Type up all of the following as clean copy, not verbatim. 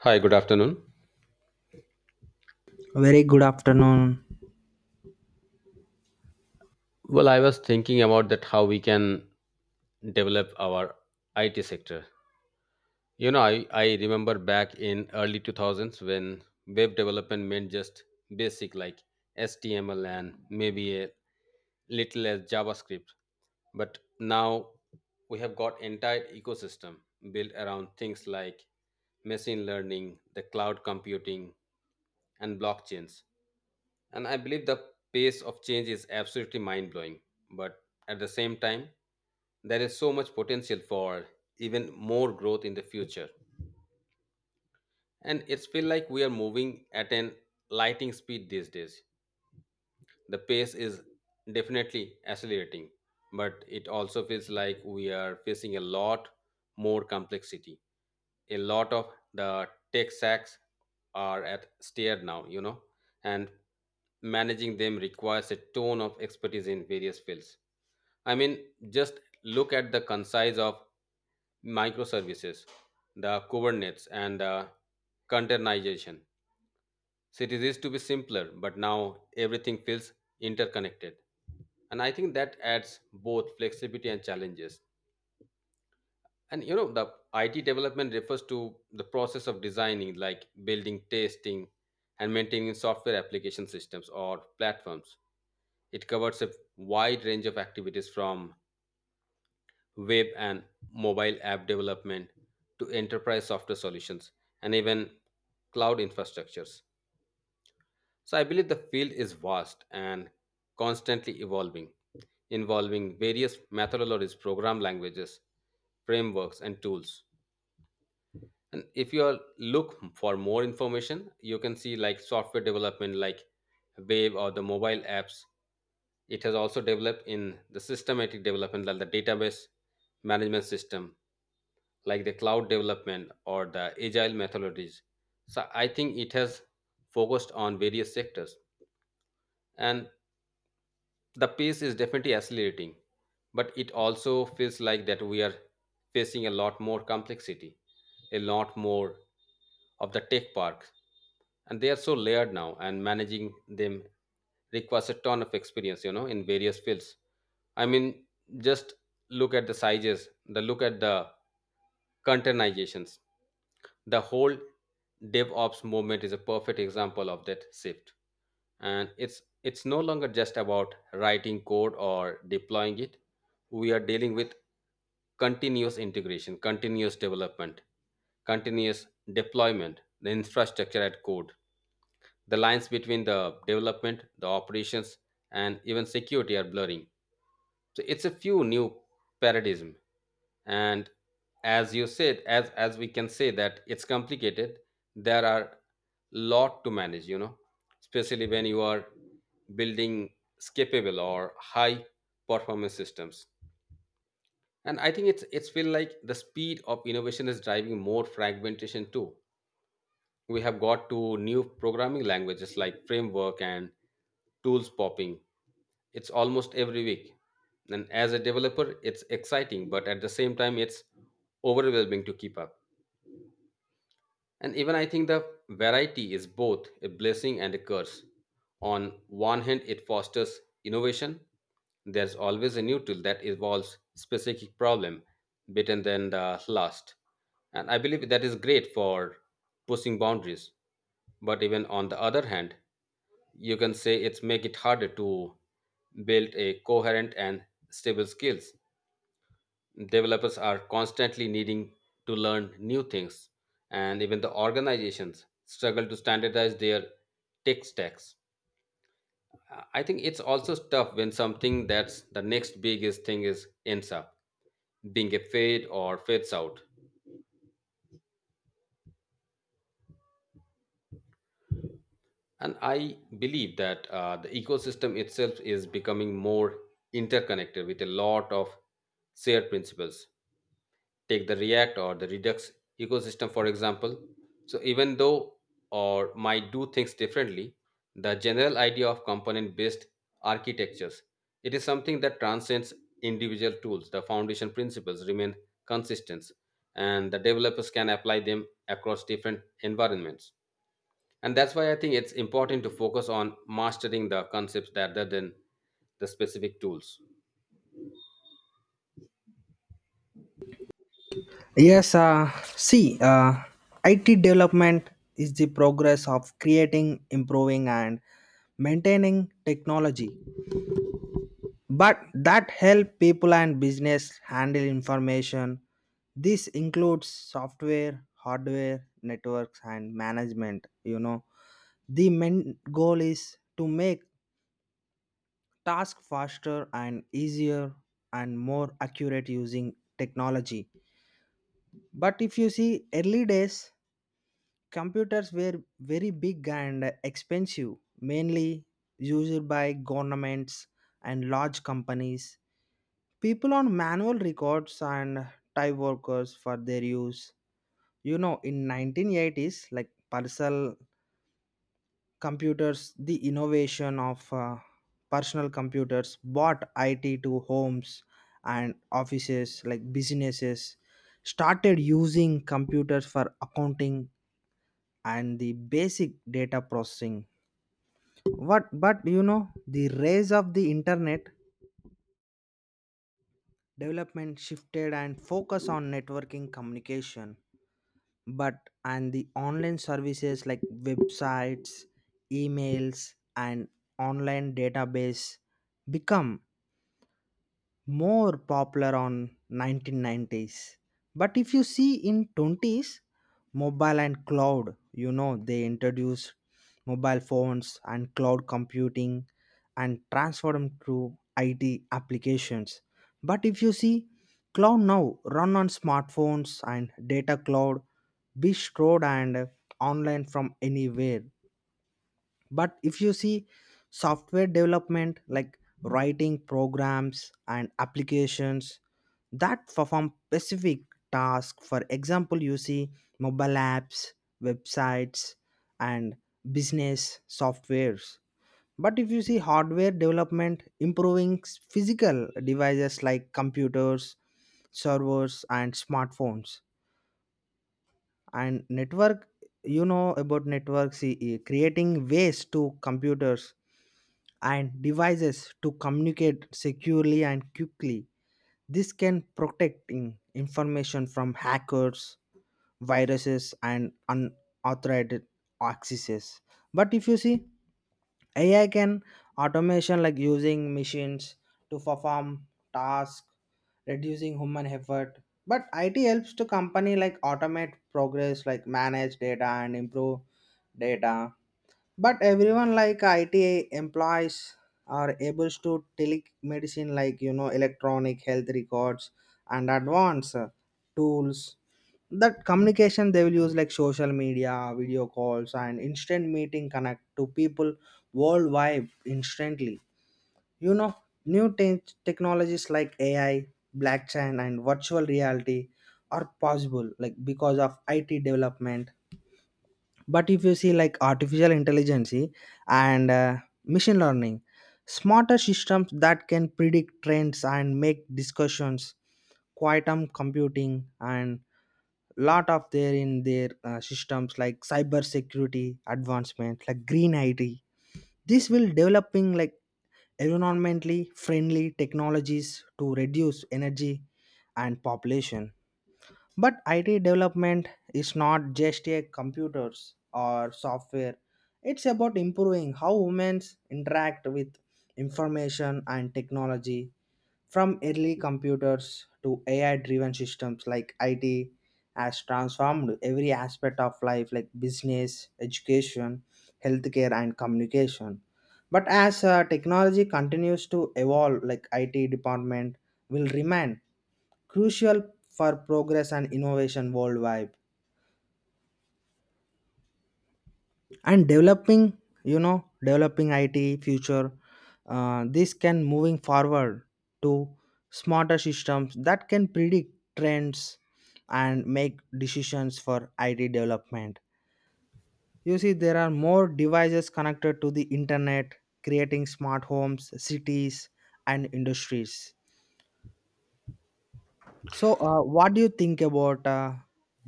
Hi, good afternoon. Very good afternoon. Well, I was thinking about that how we can develop our IT sector. You know, I remember back in early 2000s when web development meant just basic like HTML and maybe a little as JavaScript. But now we have got entire ecosystem built around things like machine learning, the cloud computing, and blockchains. And I believe the pace of change is absolutely mind blowing. But at the same time, there is so much potential for even more growth in the future. And it's feel like we are moving at an lightning speed these days. The pace is definitely accelerating, but it also feels like we are facing a lot more complexity. A lot of the tech stacks are at steer now, you know, and managing them requires a ton of expertise in various fields. I mean, just look at the concise of microservices, the Kubernetes, and the containerization. Cities used to be simpler, but now everything feels interconnected. And I think that adds both flexibility and challenges. And you know, the IT development refers to the process of designing, like building, testing, and maintaining software application systems or platforms. It covers a wide range of activities from web and mobile app development to enterprise software solutions and even cloud infrastructures. So I believe the field is vast and constantly evolving, involving various methodologies, program languages, frameworks, and tools. And if you are look for more information, you can see like software development, like Wave or the mobile apps. It has also developed in the systematic development, like the database management system, like the cloud development or the agile methodologies. So I think it has focused on various sectors. And the pace is definitely accelerating, but it also feels like that we are facing a lot more complexity, a lot more of the tech parks, and they are so layered now, and managing them requires a ton of experience, you know, in various fields. I mean, just look at the sizes, the look at the containerizations. The whole DevOps movement is a perfect example of that shift. And it's no longer just about writing code or deploying it. We are dealing with continuous integration, continuous development, continuous deployment, the infrastructure at code. The lines between the development, the operations, and even security are blurring. So it's a few new paradigm. And as you said, as we can say that it's complicated, there are lot to manage, you know, especially when you are building scapable or high performance systems. And I think it's feel like the speed of innovation is driving more fragmentation too. We have got to new programming languages like framework and tools popping. It's almost every week. And as a developer, it's exciting, but at the same time, it's overwhelming to keep up. And even I think the variety is both a blessing and a curse. On one hand, it fosters innovation. There's always a new tool that evolves specific problem better than the last. And I believe that is great for pushing boundaries. But even on the other hand, you can say it's make it harder to build a coherent and stable skills. Developers are constantly needing to learn new things, and even the organizations struggle to standardize their tech stacks. I think it's also tough when something that's the next biggest thing is ends up being a fade or fades out. And I believe that the ecosystem itself is becoming more interconnected with a lot of shared principles. Take the react or the redux ecosystem, for example. So even though or might do things differently, the general idea of component based architectures, it is something that transcends individual tools. The foundation principles remain consistent, and the developers can apply them across different environments. And that's why I think it's important to focus on mastering the concepts rather than the specific tools. Yes, see, IT development is the progress of creating, improving, and maintaining technology, but that help people and business handle information. This includes software, hardware, networks, and management. You know, the main goal is to make tasks faster and easier and more accurate using technology. But if you see early days, computers were very big and expensive, mainly used by governments and large companies. People on manual records and type workers for their use. You know, in 1980s, like personal computers, the innovation of personal computers brought IT to homes and offices, like businesses, started using computers for accounting and the basic data processing. What, but you know, the rise of the internet development shifted and focus on networking communication, but and the online services like websites, emails, and online database become more popular on 1990s. But if you see in 20s, mobile and cloud, you know, they introduced mobile phones and cloud computing and transformed to IT applications. But if you see, cloud now run on smartphones and data cloud be stored and online from anywhere. But if you see software development like writing programs and applications that perform specific tasks, for example, you see mobile apps, websites, and business softwares. But if you see hardware development improving physical devices like computers, servers, and smartphones. And network, you know, about networks, creating ways to computers and devices to communicate securely and quickly. This can protect information from hackers, viruses, and unauthorized accesses. But if you see, AI can automation like using machines to perform tasks, reducing human effort. But IT helps to company like automate progress, like manage data and improve data. But everyone like IT employees are able to telemedicine, like you know, electronic health records and advanced tools, that communication they will use like social media, video calls, and instant meeting connect to people worldwide instantly. You know, new technologies like AI, blockchain, and virtual reality are possible like because of IT development. But if you see, like artificial intelligence and machine learning, smarter systems that can predict trends and make discussions, quantum computing, and lot of there in their systems like cyber security advancement, like green IT. This will developing like environmentally friendly technologies to reduce energy and population. But IT development is not just a computers or software. It's about improving how humans interact with information and technology. From early computers to AI driven systems, like IT has transformed every aspect of life like business, education, healthcare, and communication. But as technology continues to evolve, like IT department will remain crucial for progress and innovation worldwide. And developing, you know, developing IT future, this can moving forward to smarter systems that can predict trends and make decisions for IT development. You see, there are more devices connected to the internet, creating smart homes, cities, and industries. So what do you think about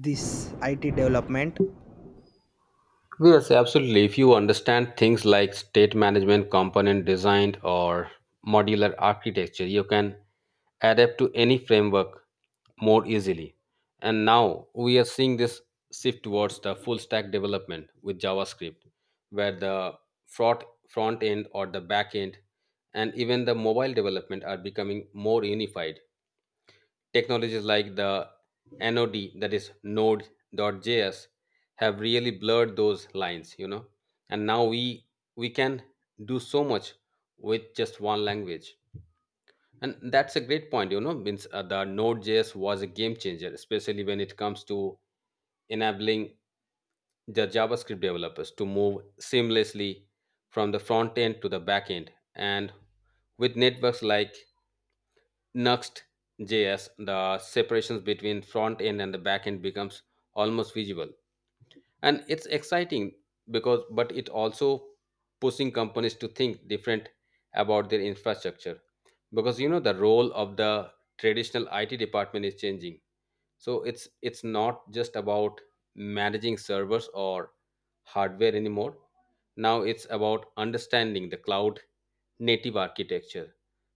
this IT development? Yes, absolutely. If you understand things like state management, component design, or modular architecture, you can adapt to any framework more easily. And now we are seeing this shift towards the full stack development with JavaScript, where the front end or the back end and even the mobile development are becoming more unified. Technologies like the NOD, that is Node.js, have really blurred those lines, you know. And now we can do so much with just one language. And that's a great point, you know. Means the Node.js was a game changer, especially when it comes to enabling the JavaScript developers to move seamlessly from the front end to the back end. And with networks like Next, JS, the separations between front end and the back end becomes almost visible. And it's exciting because, but it also pushing companies to think different about their infrastructure. Because you know, the role of the traditional IT department is changing, so it's not just about managing servers or hardware anymore. Now it's about understanding the cloud native architecture,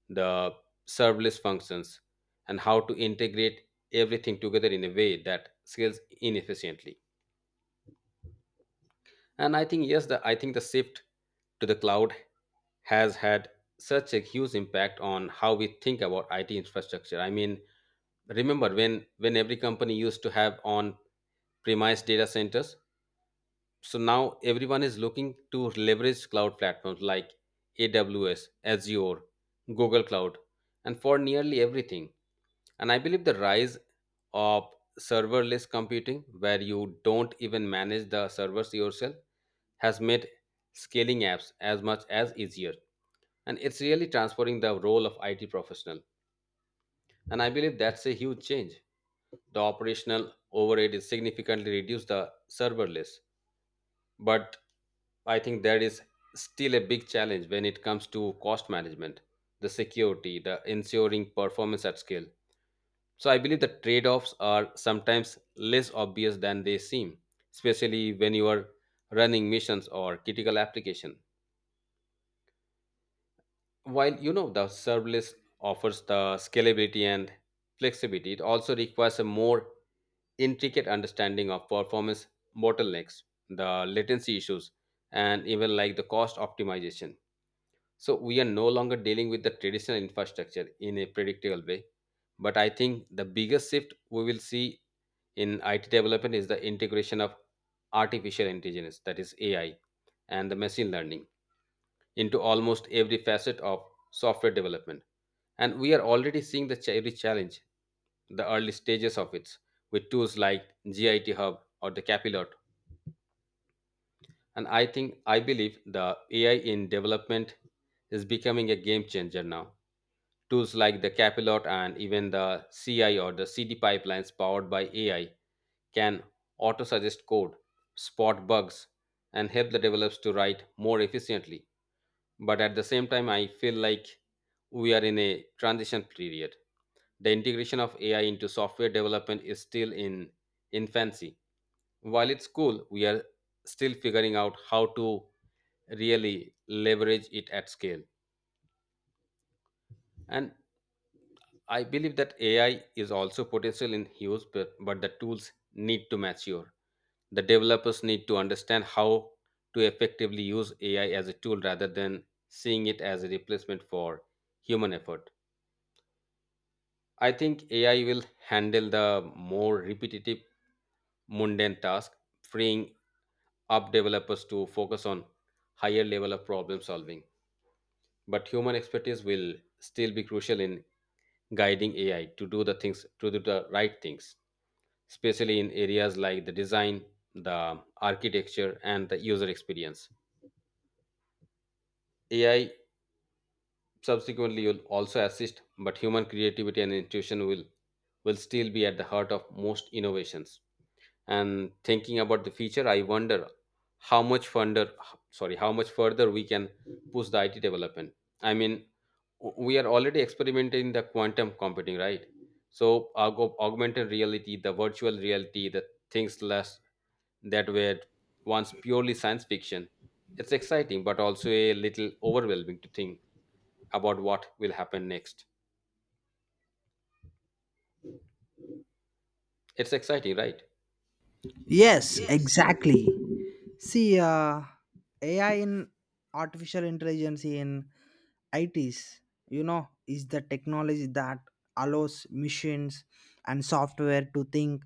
the serverless functions, and how to integrate everything together in a way that scales inefficiently. And I think yes, the I think the shift to the cloud has had such a huge impact on how we think about it infrastructure. I mean, remember when every company used to have on premise data centers. So now everyone is looking to leverage cloud platforms like AWS, Azure, Google Cloud, and for nearly everything. And I believe the rise of serverless computing, where you don't even manage the servers yourself, has made scaling apps as much as easier. And it's really transforming the role of IT professional. And I believe that's a huge change. The operational overhead is significantly reduced the serverless. But I think there is still a big challenge when it comes to cost management, the security, the ensuring performance at scale. So I believe the trade offs are sometimes less obvious than they seem, especially when you are running missions or critical applications. While you know the serverless offers the scalability and flexibility, it also requires a more intricate understanding of performance bottlenecks, the latency issues, and even like the cost optimization. So we are no longer dealing with the traditional infrastructure in a predictable way. But I think the biggest shift we will see in it development is the integration of artificial intelligence, that is AI, and the machine learning into almost every facet of software development. And we are already seeing the every challenge, the early stages of it, with tools like GIT Hub or the Capilot. And I think, I believe the AI in development is becoming a game changer now. Tools like the Capilot and even the CI or the CD pipelines powered by AI can auto suggest code, spot bugs, and help the developers to write more efficiently. But at the same time I feel like we are in a transition period. The integration of AI into software development is still in infancy. While it's cool, we are still figuring out how to really leverage it at scale. And I believe that AI is also potential in use, but the tools need to mature. The developers need to understand how to effectively use AI as a tool rather than seeing it as a replacement for human effort. I think AI will handle the more repetitive, mundane task, freeing up developers to focus on higher level of problem solving. But human expertise will still be crucial in guiding AI to do the things to do the right things, especially in areas like the design, the architecture, and the user experience. AI subsequently will also assist, but human creativity and intuition will still be at the heart of most innovations. And thinking about the future, I wonder how much further, sorry, how much further we can push the it development. I mean, we are already experimenting the quantum computing, right? So augmented reality, the virtual reality, the things less that were once purely science fiction. It's exciting but also a little overwhelming to think about what will happen next. It's exciting, right? Yes, exactly. See, AI in artificial intelligence in ITs, you know, is the technology that allows machines and software to think,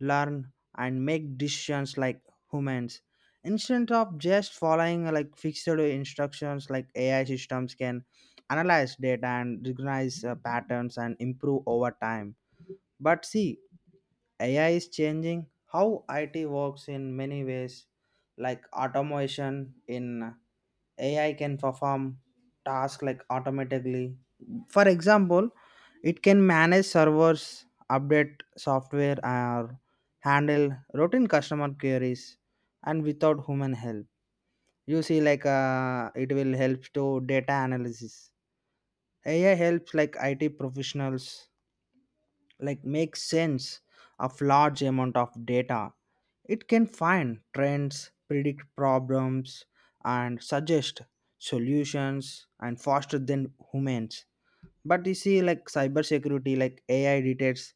learn, and make decisions like humans. Instead of just following like fixed instructions, like AI systems can analyze data and recognize patterns and improve over time. But see, AI is changing how IT works in many ways, like automation in AI can perform tasks like automatically. For example, it can manage servers, update software, or handle routine customer queries, and without human help. You see, like it will help to data analysis. AI helps like IT professionals like make sense of large amount of data. It can find trends, predict problems, and suggest solutions and faster than humans. But you see, like cybersecurity, like AI detects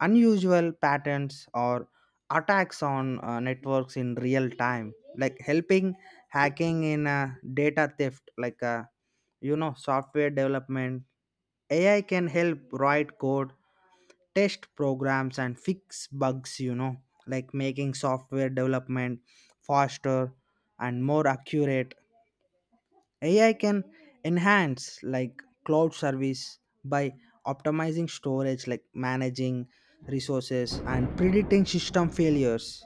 unusual patterns or attacks on networks in real time, like helping hacking in data theft, like you know, software development. AI can help write code, test programs, and fix bugs, you know, like making software development faster and more accurate. AI can enhance like cloud service by optimizing storage, like managing resources and predicting system failures.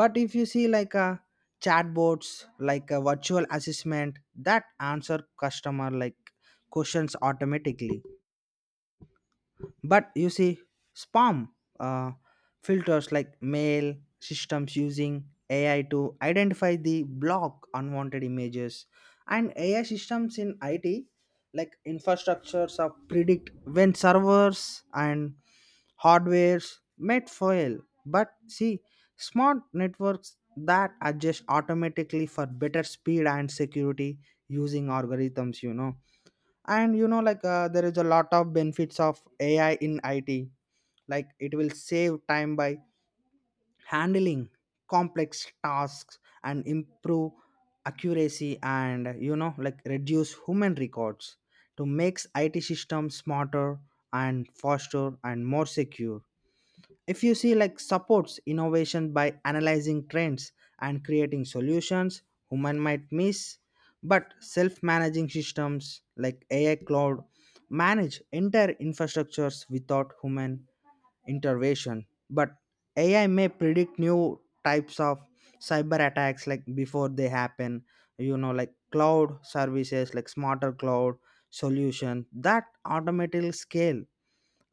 But if you see like a chatbots, like a virtual assessment that answer customer like questions automatically. But you see spam, uh, filters like mail systems using AI to identify the block unwanted images. And AI systems in IT like infrastructures are predict when servers and hardwares might fail. But see, smart networks that adjust automatically for better speed and security using algorithms, you know. And you know, like there is a lot of benefits of AI in IT, like it will save time by handling complex tasks and improve accuracy. And you know, like reduce human records to makes IT systems smarter and faster and more secure. If you see, like supports innovation by analyzing trends and creating solutions human might miss. But self-managing systems like AI cloud manage entire infrastructures without human intervention. But AI may predict new types of cyber attacks like before they happen, you know. Like cloud services, like smarter cloud solution that automatically scale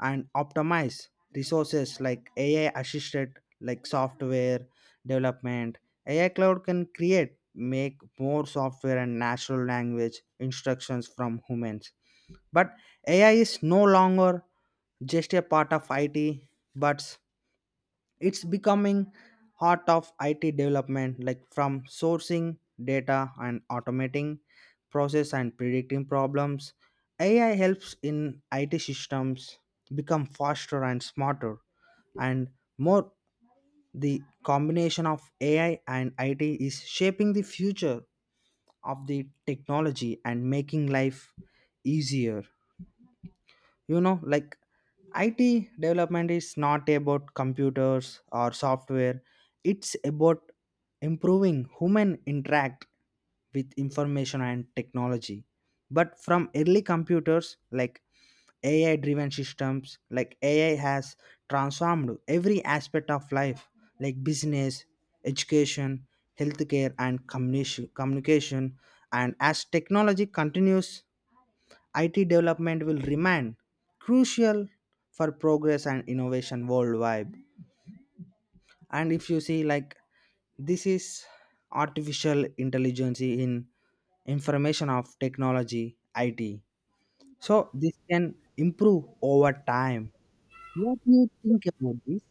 and optimize resources, like AI assisted, like software development. AI cloud can create make more software and natural language instructions from humans. But AI is no longer just a part of IT, but it's becoming heart of IT development, like from sourcing data and automating process and predicting problems. AI helps in IT systems become faster and smarter and more. The combination of AI and IT is shaping the future of the technology and making life easier. You know, like IT development is not about computers or software. It's about improving human interact with information and technology. But from early computers like AI driven systems, like AI has transformed every aspect of life like business, education, healthcare, and communication. And as technology continues, IT development will remain crucial for progress and innovation worldwide. And if you see, like, this is artificial intelligence in information of technology, IT. So this can improve over time. What do you think about this?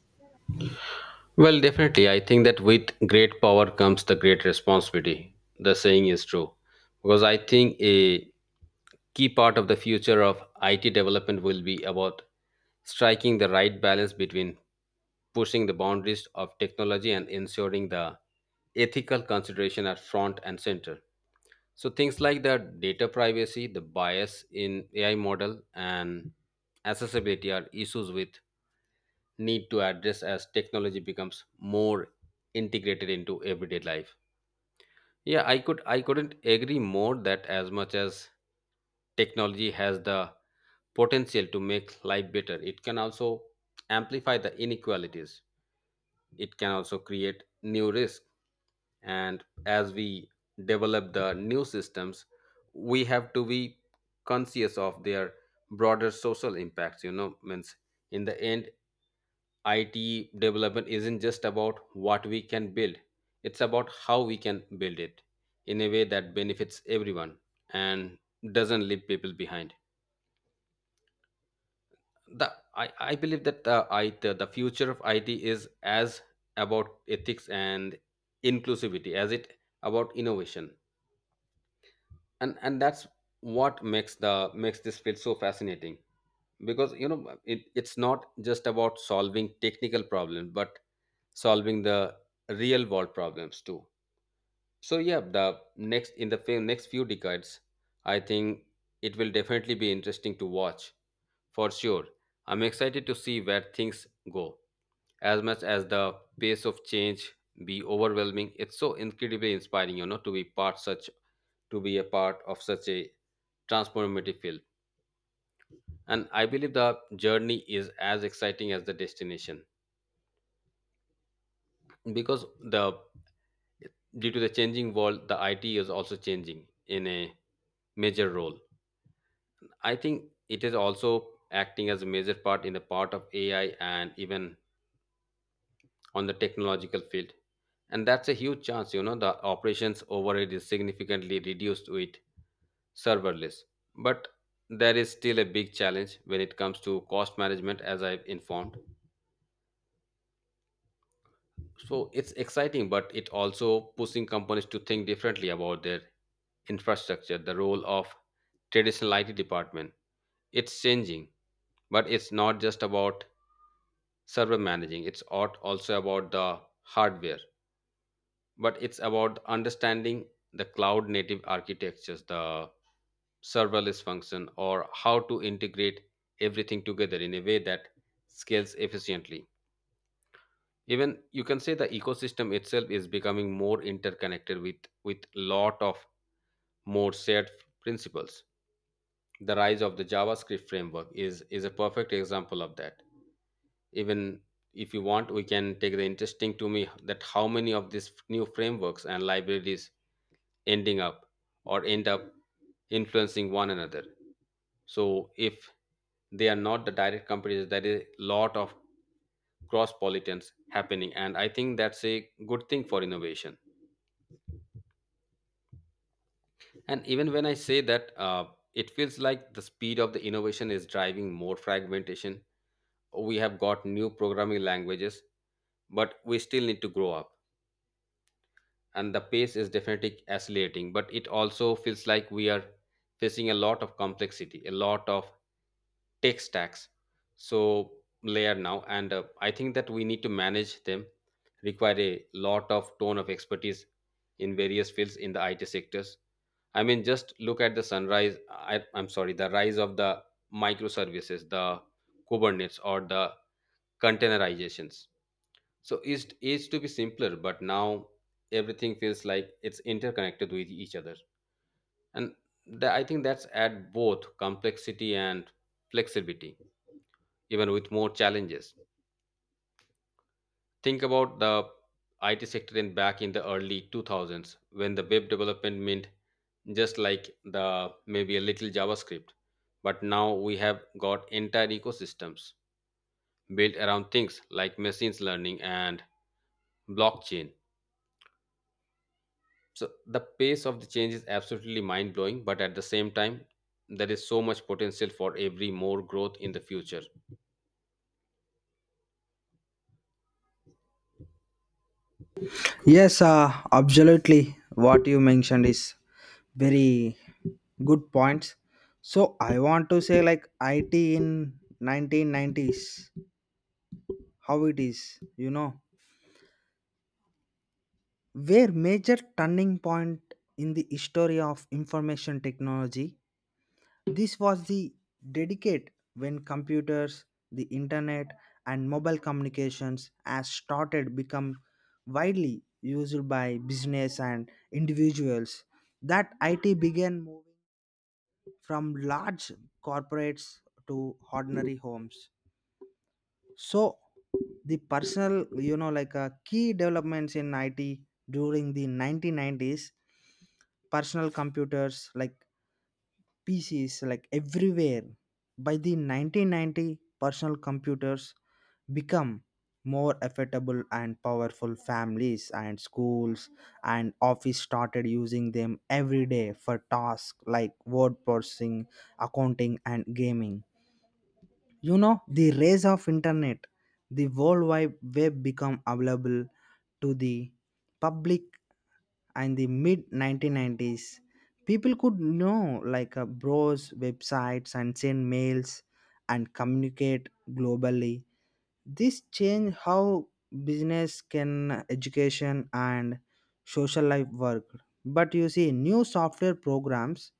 Well, definitely. I think that with great power comes the great responsibility. The saying is true. Because I think a key part of the future of IT development will be about striking the right balance between pushing the boundaries of technology and ensuring the ethical consideration are front and center. So things like the data privacy, the bias in AI model and accessibility are issues with need to address as technology becomes more integrated into everyday life. Yeah, I couldn't agree more that as much as technology has the potential to make life better, it can also amplify the inequalities, it can also create new risk. And as we develop the new systems, we have to be conscious of their broader social impacts, means in the end, IT development isn't just about what we can build, it's about how we can build it in a way that benefits everyone and doesn't leave people behind. I believe that the future of IT is as about ethics and inclusivity as it about innovation. And that's what makes this field so fascinating because it's not just about solving technical problems but solving the real world problems too. So yeah, the next in the fe- next few decades, I think it will definitely be interesting to watch. For sure, I'm excited to see where things go. As much as the pace of change be overwhelming, it's so incredibly inspiring, to be a part of such a transformative field. And I believe the journey is as exciting as the destination. Because the due to the changing world, the IT is also changing in a major role. I think it is also acting as a major part in the part of AI and even on the technological field. And that's a huge chance, you know, the operations overhead is significantly reduced with serverless. But there is still a big challenge when it comes to cost management, as I've informed. So it's exciting, but it also pushing companies to think differently about their infrastructure. The role of traditional IT department, it's changing, but it's not just about server managing, also about the hardware. But it's about understanding the cloud native architectures, the serverless function, or how to integrate everything together in a way that scales efficiently. Even you can say the ecosystem itself is becoming more interconnected with lot of more shared principles. The rise of the JavaScript framework is a perfect example of that. Even if you want we can take the interesting to me that how many of these new frameworks and libraries ending up end up influencing one another. So if they are not the direct companies, there is a lot of cross pollutants happening, and I think that's a good thing for innovation. And even when I say that, it feels like the speed of the innovation is driving more fragmentation. We have got new programming languages but we still need to grow up. And the pace is definitely accelerating, but it also feels like we are facing a lot of complexity, a lot of tech stacks, so layer now. And I think that we need to manage them require a lot of tone of expertise in various fields in the IT sectors. I mean, just look at the sunrise I, I'm sorry the rise of the microservices, the Kubernetes, or the containerizations. So it used to be simpler, but now everything feels like it's interconnected with each other. And I think that's add both complexity and flexibility, even with more challenges. Think about the IT sector in back in the early 2000s when the web development meant just like the maybe a little JavaScript. But now we have got entire ecosystems built around things like machines learning and blockchain. So the pace of the change is absolutely mind blowing, but at the same time, there is so much potential for every more growth in the future. Yes, absolutely. What you mentioned is very good points. So I want to say, like, IT in 1990s, how it is, you know, where major turning point in the history of information technology. This was the dedicate when computers, the internet, and mobile communications has started become widely used by business and individuals. That IT began moving from large corporates to ordinary homes. So the personal, you know, like key developments in IT during the 1990s, personal computers like PCs, like everywhere. By the 1990, personal computers become more affordable and powerful families and schools and office started using them every day for tasks like word processing, accounting, and gaming. You know, the rise of internet, the world wide web become available to the public. And the mid 1990s, people could know, like browse websites and send mails and communicate globally. This change how business can education and social life work. But you see new software programs,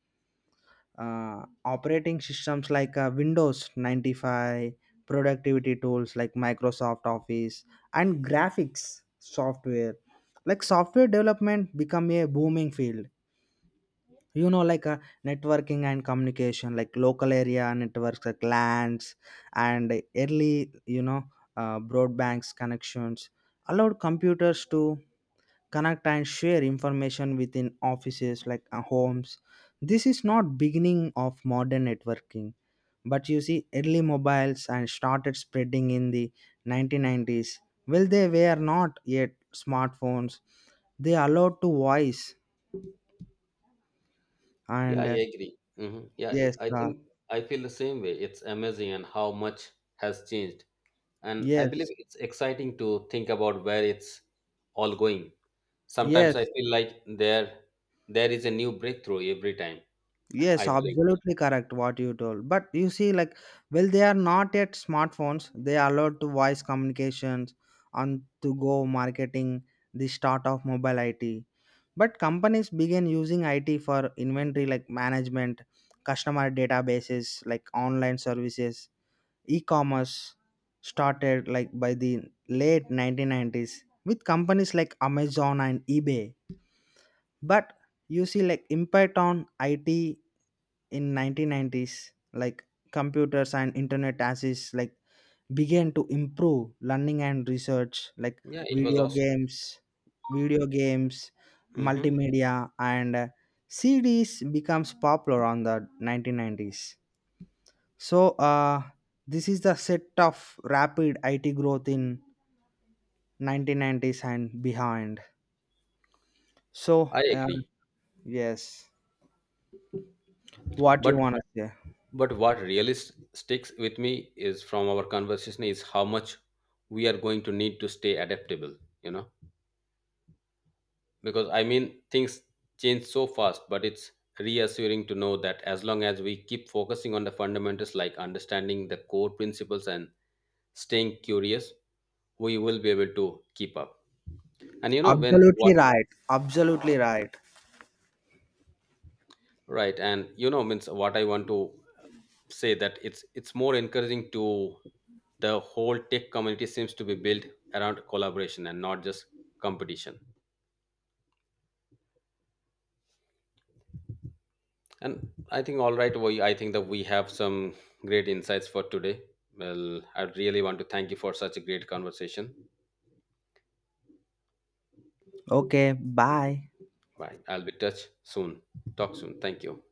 operating systems like Windows 95, productivity tools like Microsoft Office, and graphics software. Like software development become a booming field. You know, like networking and communication, like local area networks, like LANs, and early, you know, broadband connections allowed computers to connect and share information within offices like homes. This is not beginning of modern networking. But you see early mobiles and started spreading in the 1990s. Well, they were not yet smartphones. They allowed to voice Yeah, I and agree. Hmm. Yeah, I yes, I uh, think I feel the same way. It's amazing and how much has changed, and I believe yes, it's exciting to think about where it's all going. Sometimes I yes. feel like there is a new breakthrough every time Yes, I blink. absolutely correct what you told. But you see, like, well, they are not yet smartphones. They are allowed to voice communications and to go marketing, the start of mobile IT. But companies began using IT for inventory, like management, customer databases, like online services, e-commerce started like by the late 1990s with companies like Amazon and eBay. But you see, like, impact on IT in 1990s, like computers and internet access like began to improve learning and research, like Yeah, it was video awesome. games video games Hmm. multimedia, and cds becomes popular on the 1990s. So this is the set of rapid IT growth in 1990s and behind. So I agree. yes, what you But want to say? But what really sticks with me is from our conversation is how much we are going to need to stay adaptable, you know? Because I mean, things change so fast, but it's reassuring to know that as long as we keep focusing on the fundamentals like understanding the core principles and staying curious, we will be able to keep up. And you know, when Absolutely what. right. Absolutely right. Right, and you know, means what I want to say that it's more encouraging to the whole tech community seems to be built around collaboration and not just competition. And I think all right, we I think that we have some great insights for today. Well, I really want to thank you for such a great conversation. Okay. Bye. Bye. I'll be touch soon. Talk soon. Thank you.